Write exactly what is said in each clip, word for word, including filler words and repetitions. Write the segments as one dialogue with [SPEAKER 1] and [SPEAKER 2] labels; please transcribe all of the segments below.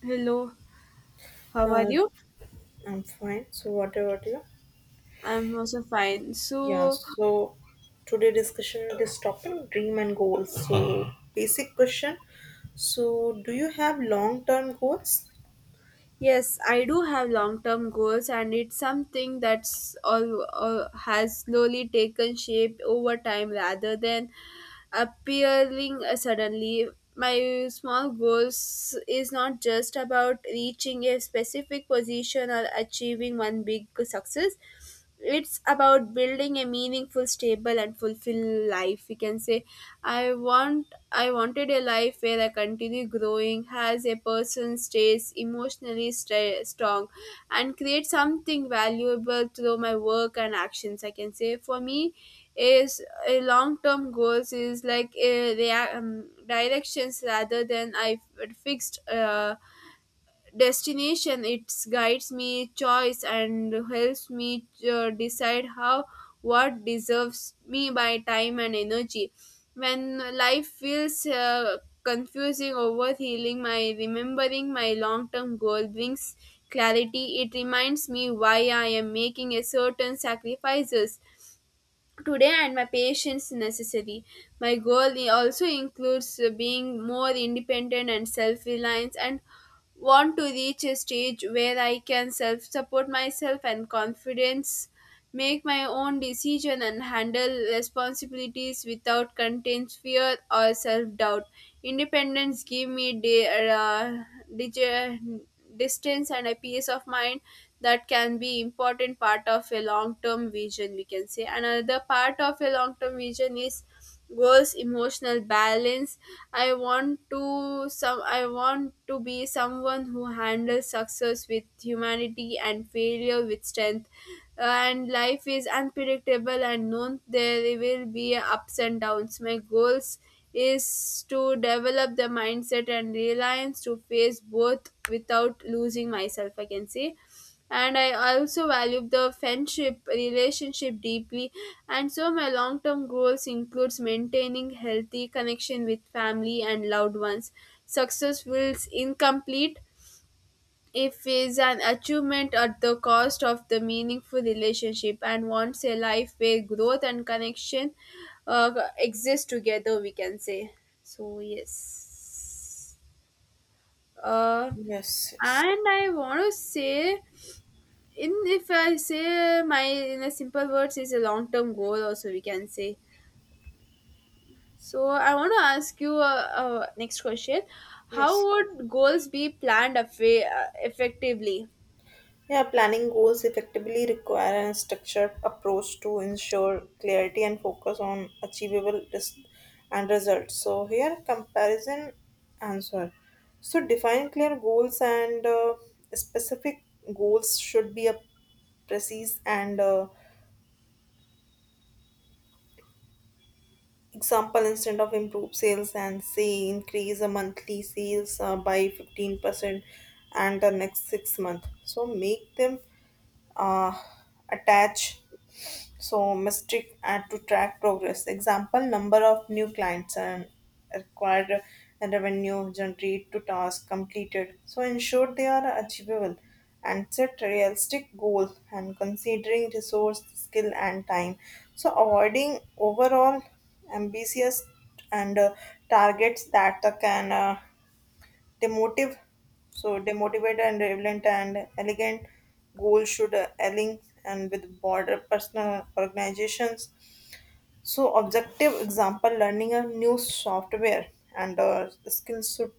[SPEAKER 1] Hello, how are
[SPEAKER 2] Uh,
[SPEAKER 1] you?
[SPEAKER 2] I'm fine. So, what about you?
[SPEAKER 1] I'm also fine.
[SPEAKER 2] Yeah.
[SPEAKER 1] So,
[SPEAKER 2] So, today discussion this topic dream and goals. So, basic question. So, do you have long term goals?
[SPEAKER 1] yes, I do have long-term goals, and it's something that's all, all has slowly taken shape over time rather than appearing uh, suddenly. My small goals is not just about reaching a specific position or achieving one big success. It's about building a meaningful, stable, and fulfilled life. We can say, I want, I wanted a life where I continue growing, as a person stays emotionally sta strong, and create something valuable through my work and actions. I can say, for me, is a long term goals is like a rea- um, directions rather than I f- fixed uh, destination. It guides me choice and helps me uh, decide how what deserves me by time and energy when life feels uh, confusing over healing my remembering my long term goal brings clarity. It reminds me why I am making a certain sacrifices today and my patience necessary. My goal i- also includes uh, being more independent and self-reliant and want to reach a stage where I can self-support myself and confidence, make my own decision and handle responsibilities without contains fear or self-doubt. Independence give me de- uh, dig- distance and a peace of mind that can be important part of a long term vision. We can say another part of a long term vision is goals emotional balance. i want to some I want to be someone who handles success with humanity and failure with strength. Uh, and life is unpredictable and known there will be ups and downs. My goals is to develop the mindset and reliance to face both without losing myself, I can say. And I also value the friendship relationship deeply. And so my long-term goals includes maintaining healthy connection with family and loved ones. Success feels incomplete if is an achievement at the cost of the meaningful relationship and wants a life where growth and connection uh, exist together, we can say. So yes, uh,
[SPEAKER 2] Yes. Yes.
[SPEAKER 1] and I want to say, in if I say my in a simple words is a long term goal also, we can say. So I want to ask you uh, uh, next question, how
[SPEAKER 2] Yes.
[SPEAKER 1] would goals be planned affa- uh, effectively?
[SPEAKER 2] Yeah. Planning goals effectively require a structured approach to ensure clarity and focus on achievable res- and results. So, here comparison answer. So, define clear goals and uh, specific goals should be a precise and uh, example instead of improve sales and say increase the monthly sales uh, by fifteen percent and the next six months so make them uh, attach. So Mystic add to track progress. Example, number of new clients and acquired and revenue generate to task completed. So ensure they are achievable and set realistic goal and considering resource, skill and time. So avoiding overall ambitious and uh, targets that uh, can uh, demotive, so demotivated and relevant and elegant goals should uh, align and with broader personal organizations, so objective example learning a new software and uh, skills should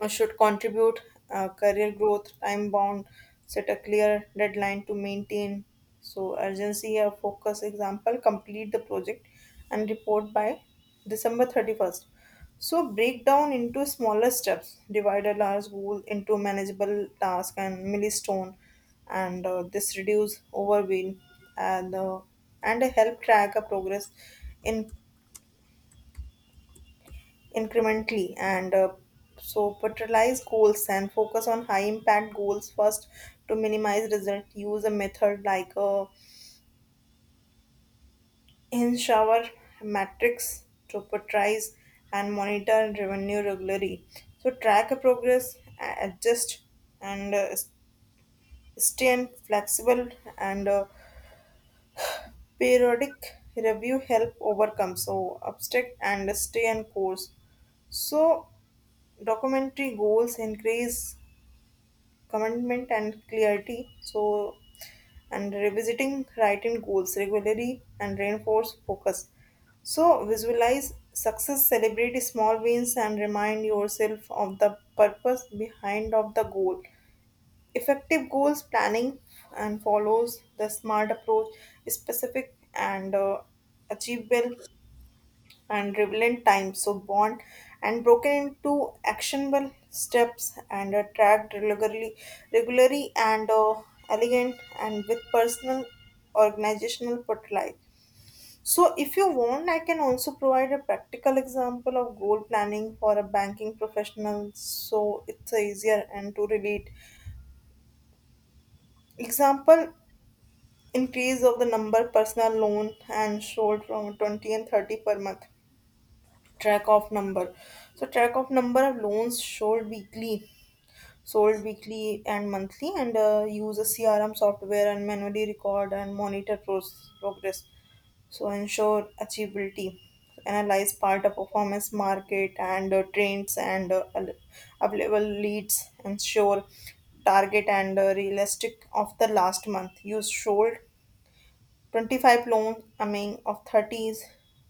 [SPEAKER 2] uh, should contribute uh, career growth time bound, set a clear deadline to maintain so urgency or focus example complete the project and report by December thirty-first. So break down into smaller steps, divide a large goal into manageable task and milestone, and uh, this reduce overwhelm and uh, and help track a progress in incrementally, and uh, so prioritize goals and focus on high impact goals first to minimize result, use a method like a in shower matrix to prioritize and monitor revenue regularly. So track a progress, a- adjust and uh, s- stay in flexible and uh, periodic review help overcome so obstacle and stay on course. So documentary goals increase commitment and clarity. So, and revisiting writing goals regularly and reinforce focus. So, visualize success, celebrate small wins, and remind yourself of the purpose behind of the goal. Effective goals planning and follows the smart approach specific and uh, achievable and relevant time so bond and broken into actionable steps and are tracked regularly regularly and uh, elegant and with personal organizational portfolio. So if you want, I can also provide a practical example of goal planning for a banking professional so it's easier and to relate. Example, increase of the number personal loan and sold from twenty and thirty per month, track of number. So track of number of loans sold weekly, sold weekly and monthly, and uh, use a C R M software and manually record and monitor pros- progress. So ensure achievability, analyze part of performance, market and uh, trends and uh, al- available leads, ensure target and uh, realistic of the last month. Use sold twenty-five loans, I mean of thirty is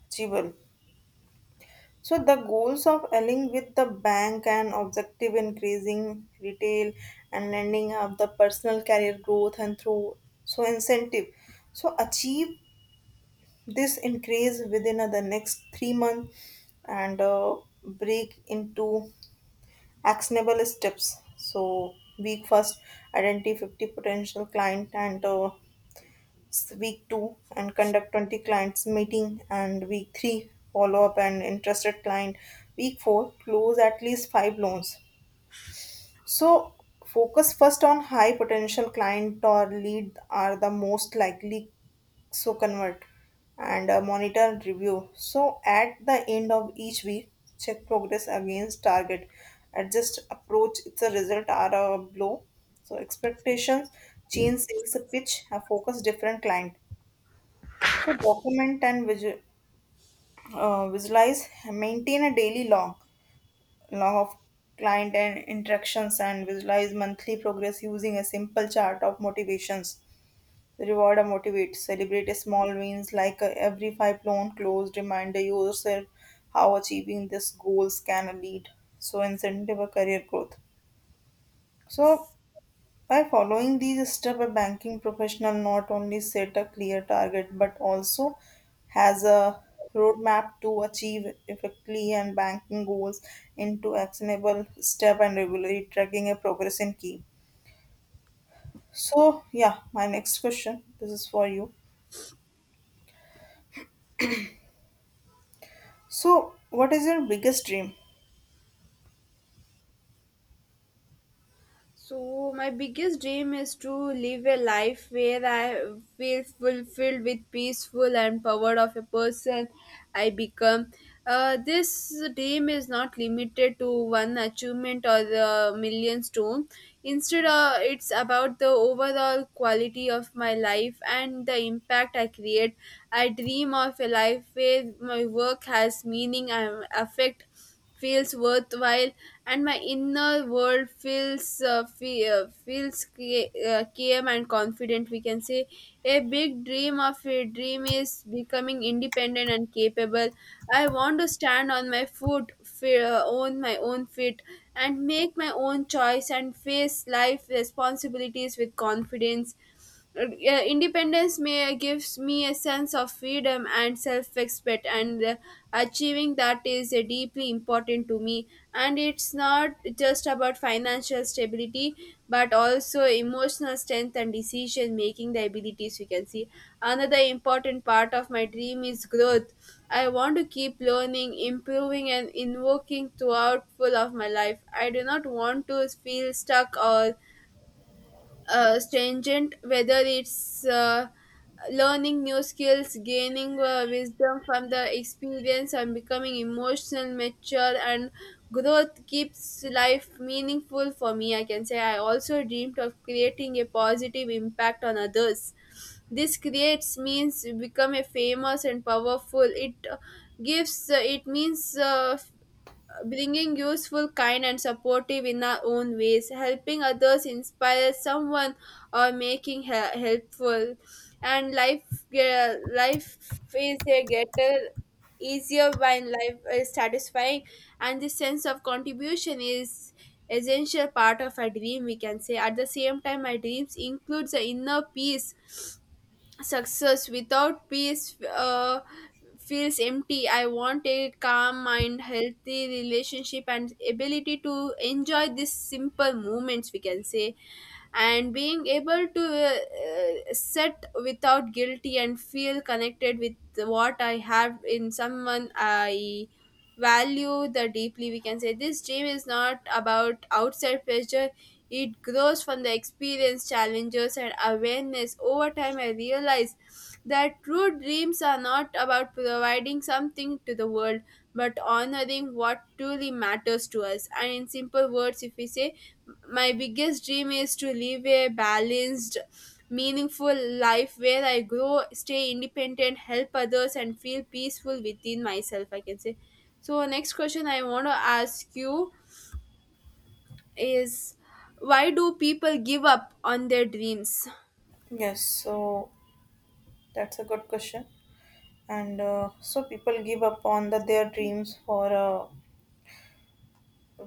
[SPEAKER 2] achievable. So the goals of aligning with the bank and objective increasing retail and lending up the personal career growth and through so incentive. So achieve this increase within uh, the next three months and uh, break into actionable steps. So week first, identify fifty potential client and uh, week two and conduct twenty clients meeting and week three follow up and interested client, week four close at least five loans, so focus first on high potential client or lead are the most likely so convert, and uh, monitor and review. So at the end of each week, check progress against target, adjust approach if the result are a blow so expectations, change sales pitch a focus different client. So document and visu- uh, visualize, maintain a daily log, log of client and interactions, and visualize monthly progress using a simple chart of motivations. Reward or motivate, celebrate small wins like uh, every five loan closed, reminder yourself how achieving these goals can lead. So incentive a career growth. So by following these steps, a banking professional not only set a clear target but also has a roadmap to achieve effectively and banking goals into actionable step and regularly tracking a progress in key. So yeah, my next question. This is for you. So what is your biggest dream?
[SPEAKER 1] So my biggest dream is to live a life where I feel fulfilled with peaceful and power of a person I become. Uh, this dream is not limited to one achievement or the million stone. Instead, uh, it's about the overall quality of my life and the impact I create. I dream of a life where my work has meaning and affect feels worthwhile and my inner world feels uh, fe- uh, feels ca- uh, calm and confident, we can say. A big dream of a dream is becoming independent and capable. I want to stand on my foot fe- uh, own my own feet and make my own choice and face life responsibilities with confidence. Uh, uh, independence may uh, gives me a sense of freedom and self-respect, and uh, achieving that is uh, deeply important to me, and it's not just about financial stability but also emotional strength and decision making the abilities, we can see. Another important part of my dream is growth. I want to keep learning improving and invoking throughout full of my life. I do not want to feel stuck or uh, stringent, whether it's uh, learning new skills, gaining uh, wisdom from the experience, and becoming emotional, mature, and growth keeps life meaningful for me. I can say I also dreamed of creating a positive impact on others. This creates means become a famous and powerful. It uh, gives uh, it means uh, bringing useful, kind, and supportive in our own ways, helping others inspire someone, or making he- helpful. And life, ge- life is a getter easier when life is satisfying, and this sense of contribution is essential part of a dream, we can say. At the same time my dreams includes the inner peace. Success without peace uh, feels empty. I want a calm mind, healthy relationship, and ability to enjoy these simple moments, we can say. And being able to uh, uh, set without guilty and feel connected with what I have in someone I value the deeply, we can say. This dream is not about outside pressure. It grows from the experience, challenges, and awareness. Over time, I realized that true dreams are not about providing something to the world, but honoring what truly matters to us. And in simple words, if we say, my biggest dream is to live a balanced, meaningful life where I grow, stay independent, help others, and feel peaceful within myself, I can say. So, next question I want to ask you is why do people give up on their dreams?
[SPEAKER 2] Yes, so that's a good question. And uh, so people give up on the, their dreams for uh,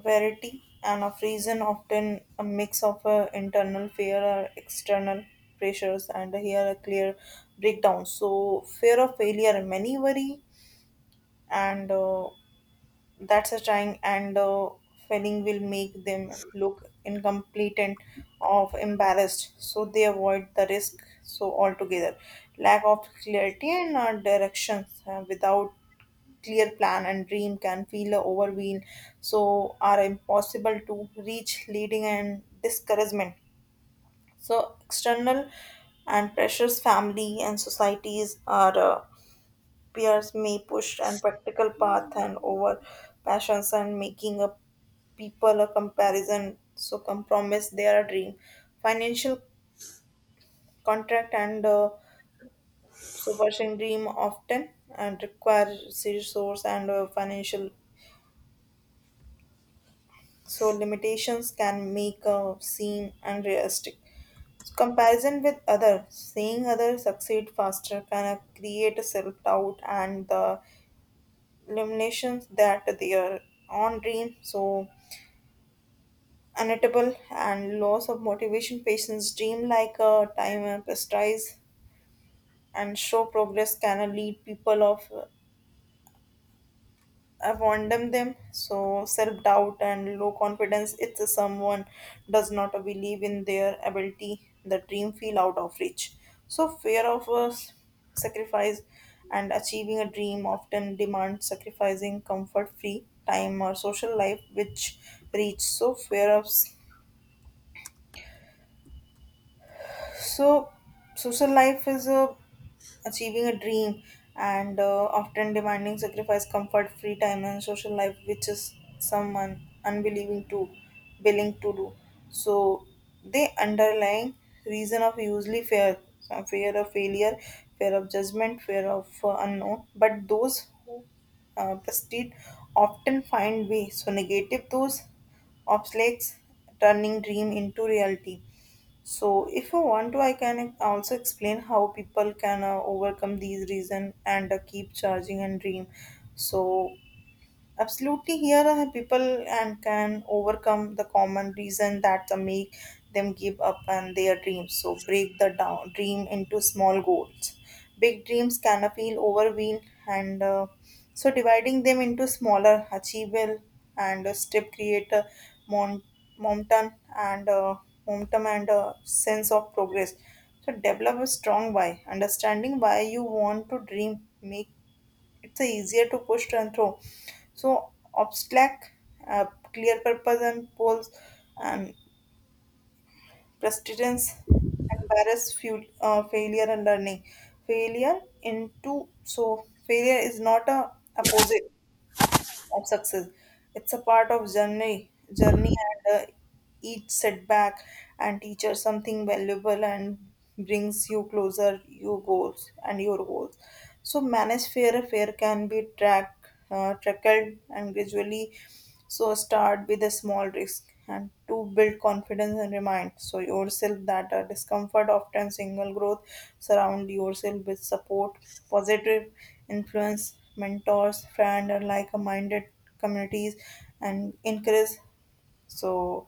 [SPEAKER 2] Verity and of reason, often a mix of uh, internal fear or external pressures, and here a clear breakdown. So fear of failure, many worry and uh, that's a trying, and uh, failing will make them look incomplete and of embarrassed, so they avoid the risk so altogether. Lack of clarity and uh, directions, uh, without clear plan and dream can feel overwhelmed so are impossible to reach, leading and discouragement. So external and pressures, family and societies are uh, peers may push and practical path and over passions and making a people a comparison so compromise their dream. Financial contract and uh, superstition dream often and require resource and uh, financial so limitations can make a seem unrealistic. So comparison with others, seeing others succeed faster can uh, create a self-doubt and the limitations that their own dream so unatable, and loss of motivation patients dream like a time and prestige and show progress can lead people of I've condemned them. So self doubt and low confidence. It's a someone does not believe in their ability, the dream feel out of reach. So fear of uh, sacrifice and achieving a dream often demands sacrificing comfort, free time or social life, which reach so fear of. So social life is uh, achieving a dream and uh, often demanding sacrifice, comfort, free time, and social life, which is someone unbelieving to willing to do. So the underlying reason of usually fear, uh, fear of failure, fear of judgment, fear of uh, unknown. But those who uh, prestige often find ways to negative those obstacles, turning dream into reality. So if you want to, I can also explain how people can uh, overcome these reasons and uh, keep charging and dream. So, absolutely, here are people and can overcome the common reason that the make them give up on their dreams. So break the down dream into small goals. Big dreams can feel overwhelmed, and uh, so dividing them into smaller, achievable, and uh, step create a mon- momentum and uh, momentum and a sense of progress. So develop a strong why. Understanding why you want to dream make it's a easier to push and throw. So obstacle, uh, clear purpose and goals, and persistence. Embarrass fuel, uh, failure and learning. Failure into so failure is not a opposite of success. It's a part of journey, journey, and uh, each setback and teaches something valuable and brings you closer your goals and your goals. So manage fear. Fear can be track, uh, trackled and gradually. So start with a small risk and to build confidence and remind so yourself that uh, discomfort often single growth. Surround yourself with support positive influence, mentors, friend, and like-minded communities, and encourage so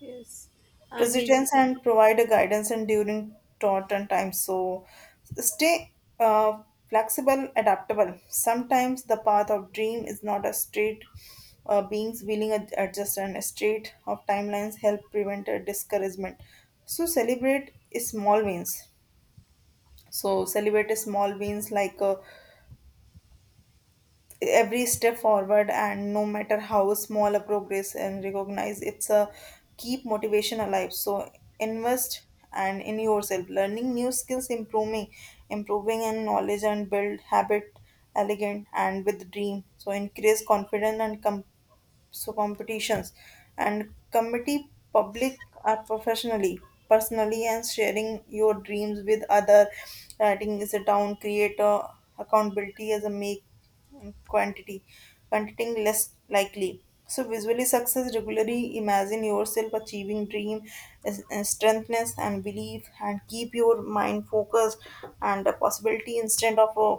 [SPEAKER 1] Yes, and we
[SPEAKER 2] resilience and provide a guidance and during certain times. So stay uh, flexible, adaptable. Sometimes the path of dream is not a straight. Uh, beings willing to adjust and straight of timelines help prevent a discouragement. So celebrate small wins. So celebrate small wins like uh, every step forward and no matter how small a progress and recognize it's a keep motivation alive, so invest and in yourself, learning new skills, improving improving in knowledge and build habit elegant and with dream, so increase confidence and com- so competitions and committee public are professionally personally and sharing your dreams with other, writing is a down creator accountability as a make quantity quantitating less likely. So visually success regularly, imagine yourself achieving dream is- and strengthness and belief and keep your mind focused and the possibility instead of a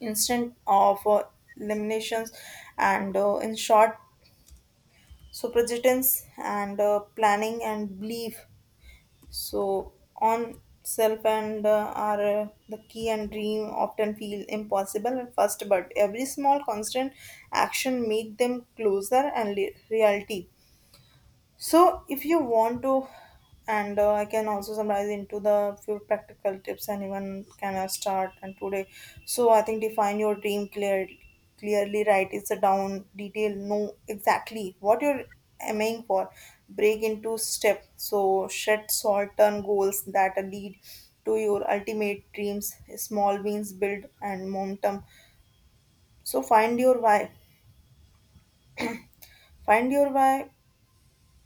[SPEAKER 2] instant of uh, eliminations and uh, in short, so projections and uh, planning and belief so on self and uh, are uh, the key and dream often feel impossible at first but every small constant action make them closer and li- reality. So if you want to, and uh, I can also summarize into the few practical tips anyone can uh, start and today. So I think define your dream clearly. Clearly, write it down detail. Know exactly what you're aiming for. Break into step. So set short term goals that lead to your ultimate dreams. Small wins build and momentum. So find your why. Find your why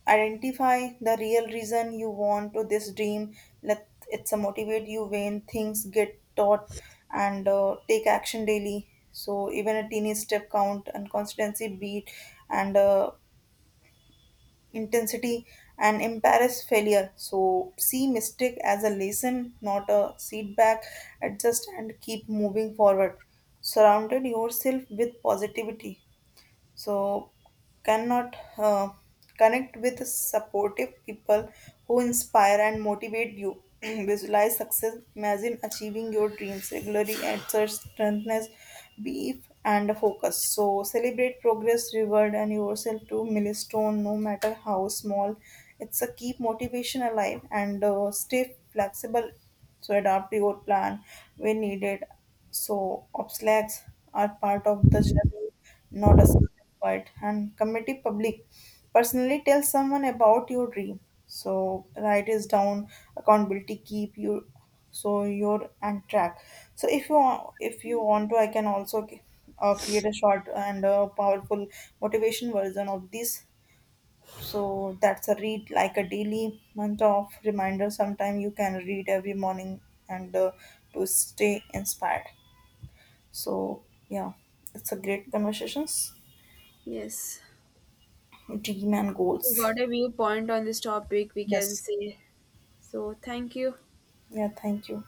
[SPEAKER 2] identify the real reason you want to this dream, let it's a motivate you when things get taught, and uh, take action daily so even a teeny step count and constancy beat and uh, intensity and embarrass failure. So see mistake as a lesson, not a setback, adjust and keep moving forward. Surrounded yourself with positivity, so cannot uh, connect with supportive people who inspire and motivate you visualize success, imagine achieving your dreams regularly, exert strengthness, belief and focus. So celebrate progress, reward and yourself to milestone no matter how small, it's a keep motivation alive and uh, stay flexible, so adapt your plan when needed so obstacles are part of the journey, not a single fight. And committee public personally, tell someone about your dream. So write is down accountability keep you so you're on track. So if you want, if you want to, I can also c- uh, create a short and a powerful motivation version of this. So that's a read like a daily month of reminder. Sometime you can read every morning and uh, to stay inspired. So yeah, it's a great conversations.
[SPEAKER 1] yes
[SPEAKER 2] Dream and
[SPEAKER 1] we
[SPEAKER 2] goals.
[SPEAKER 1] got a viewpoint on this topic. We can
[SPEAKER 2] Yes.
[SPEAKER 1] say so. Thank you.
[SPEAKER 2] Yeah, thank you.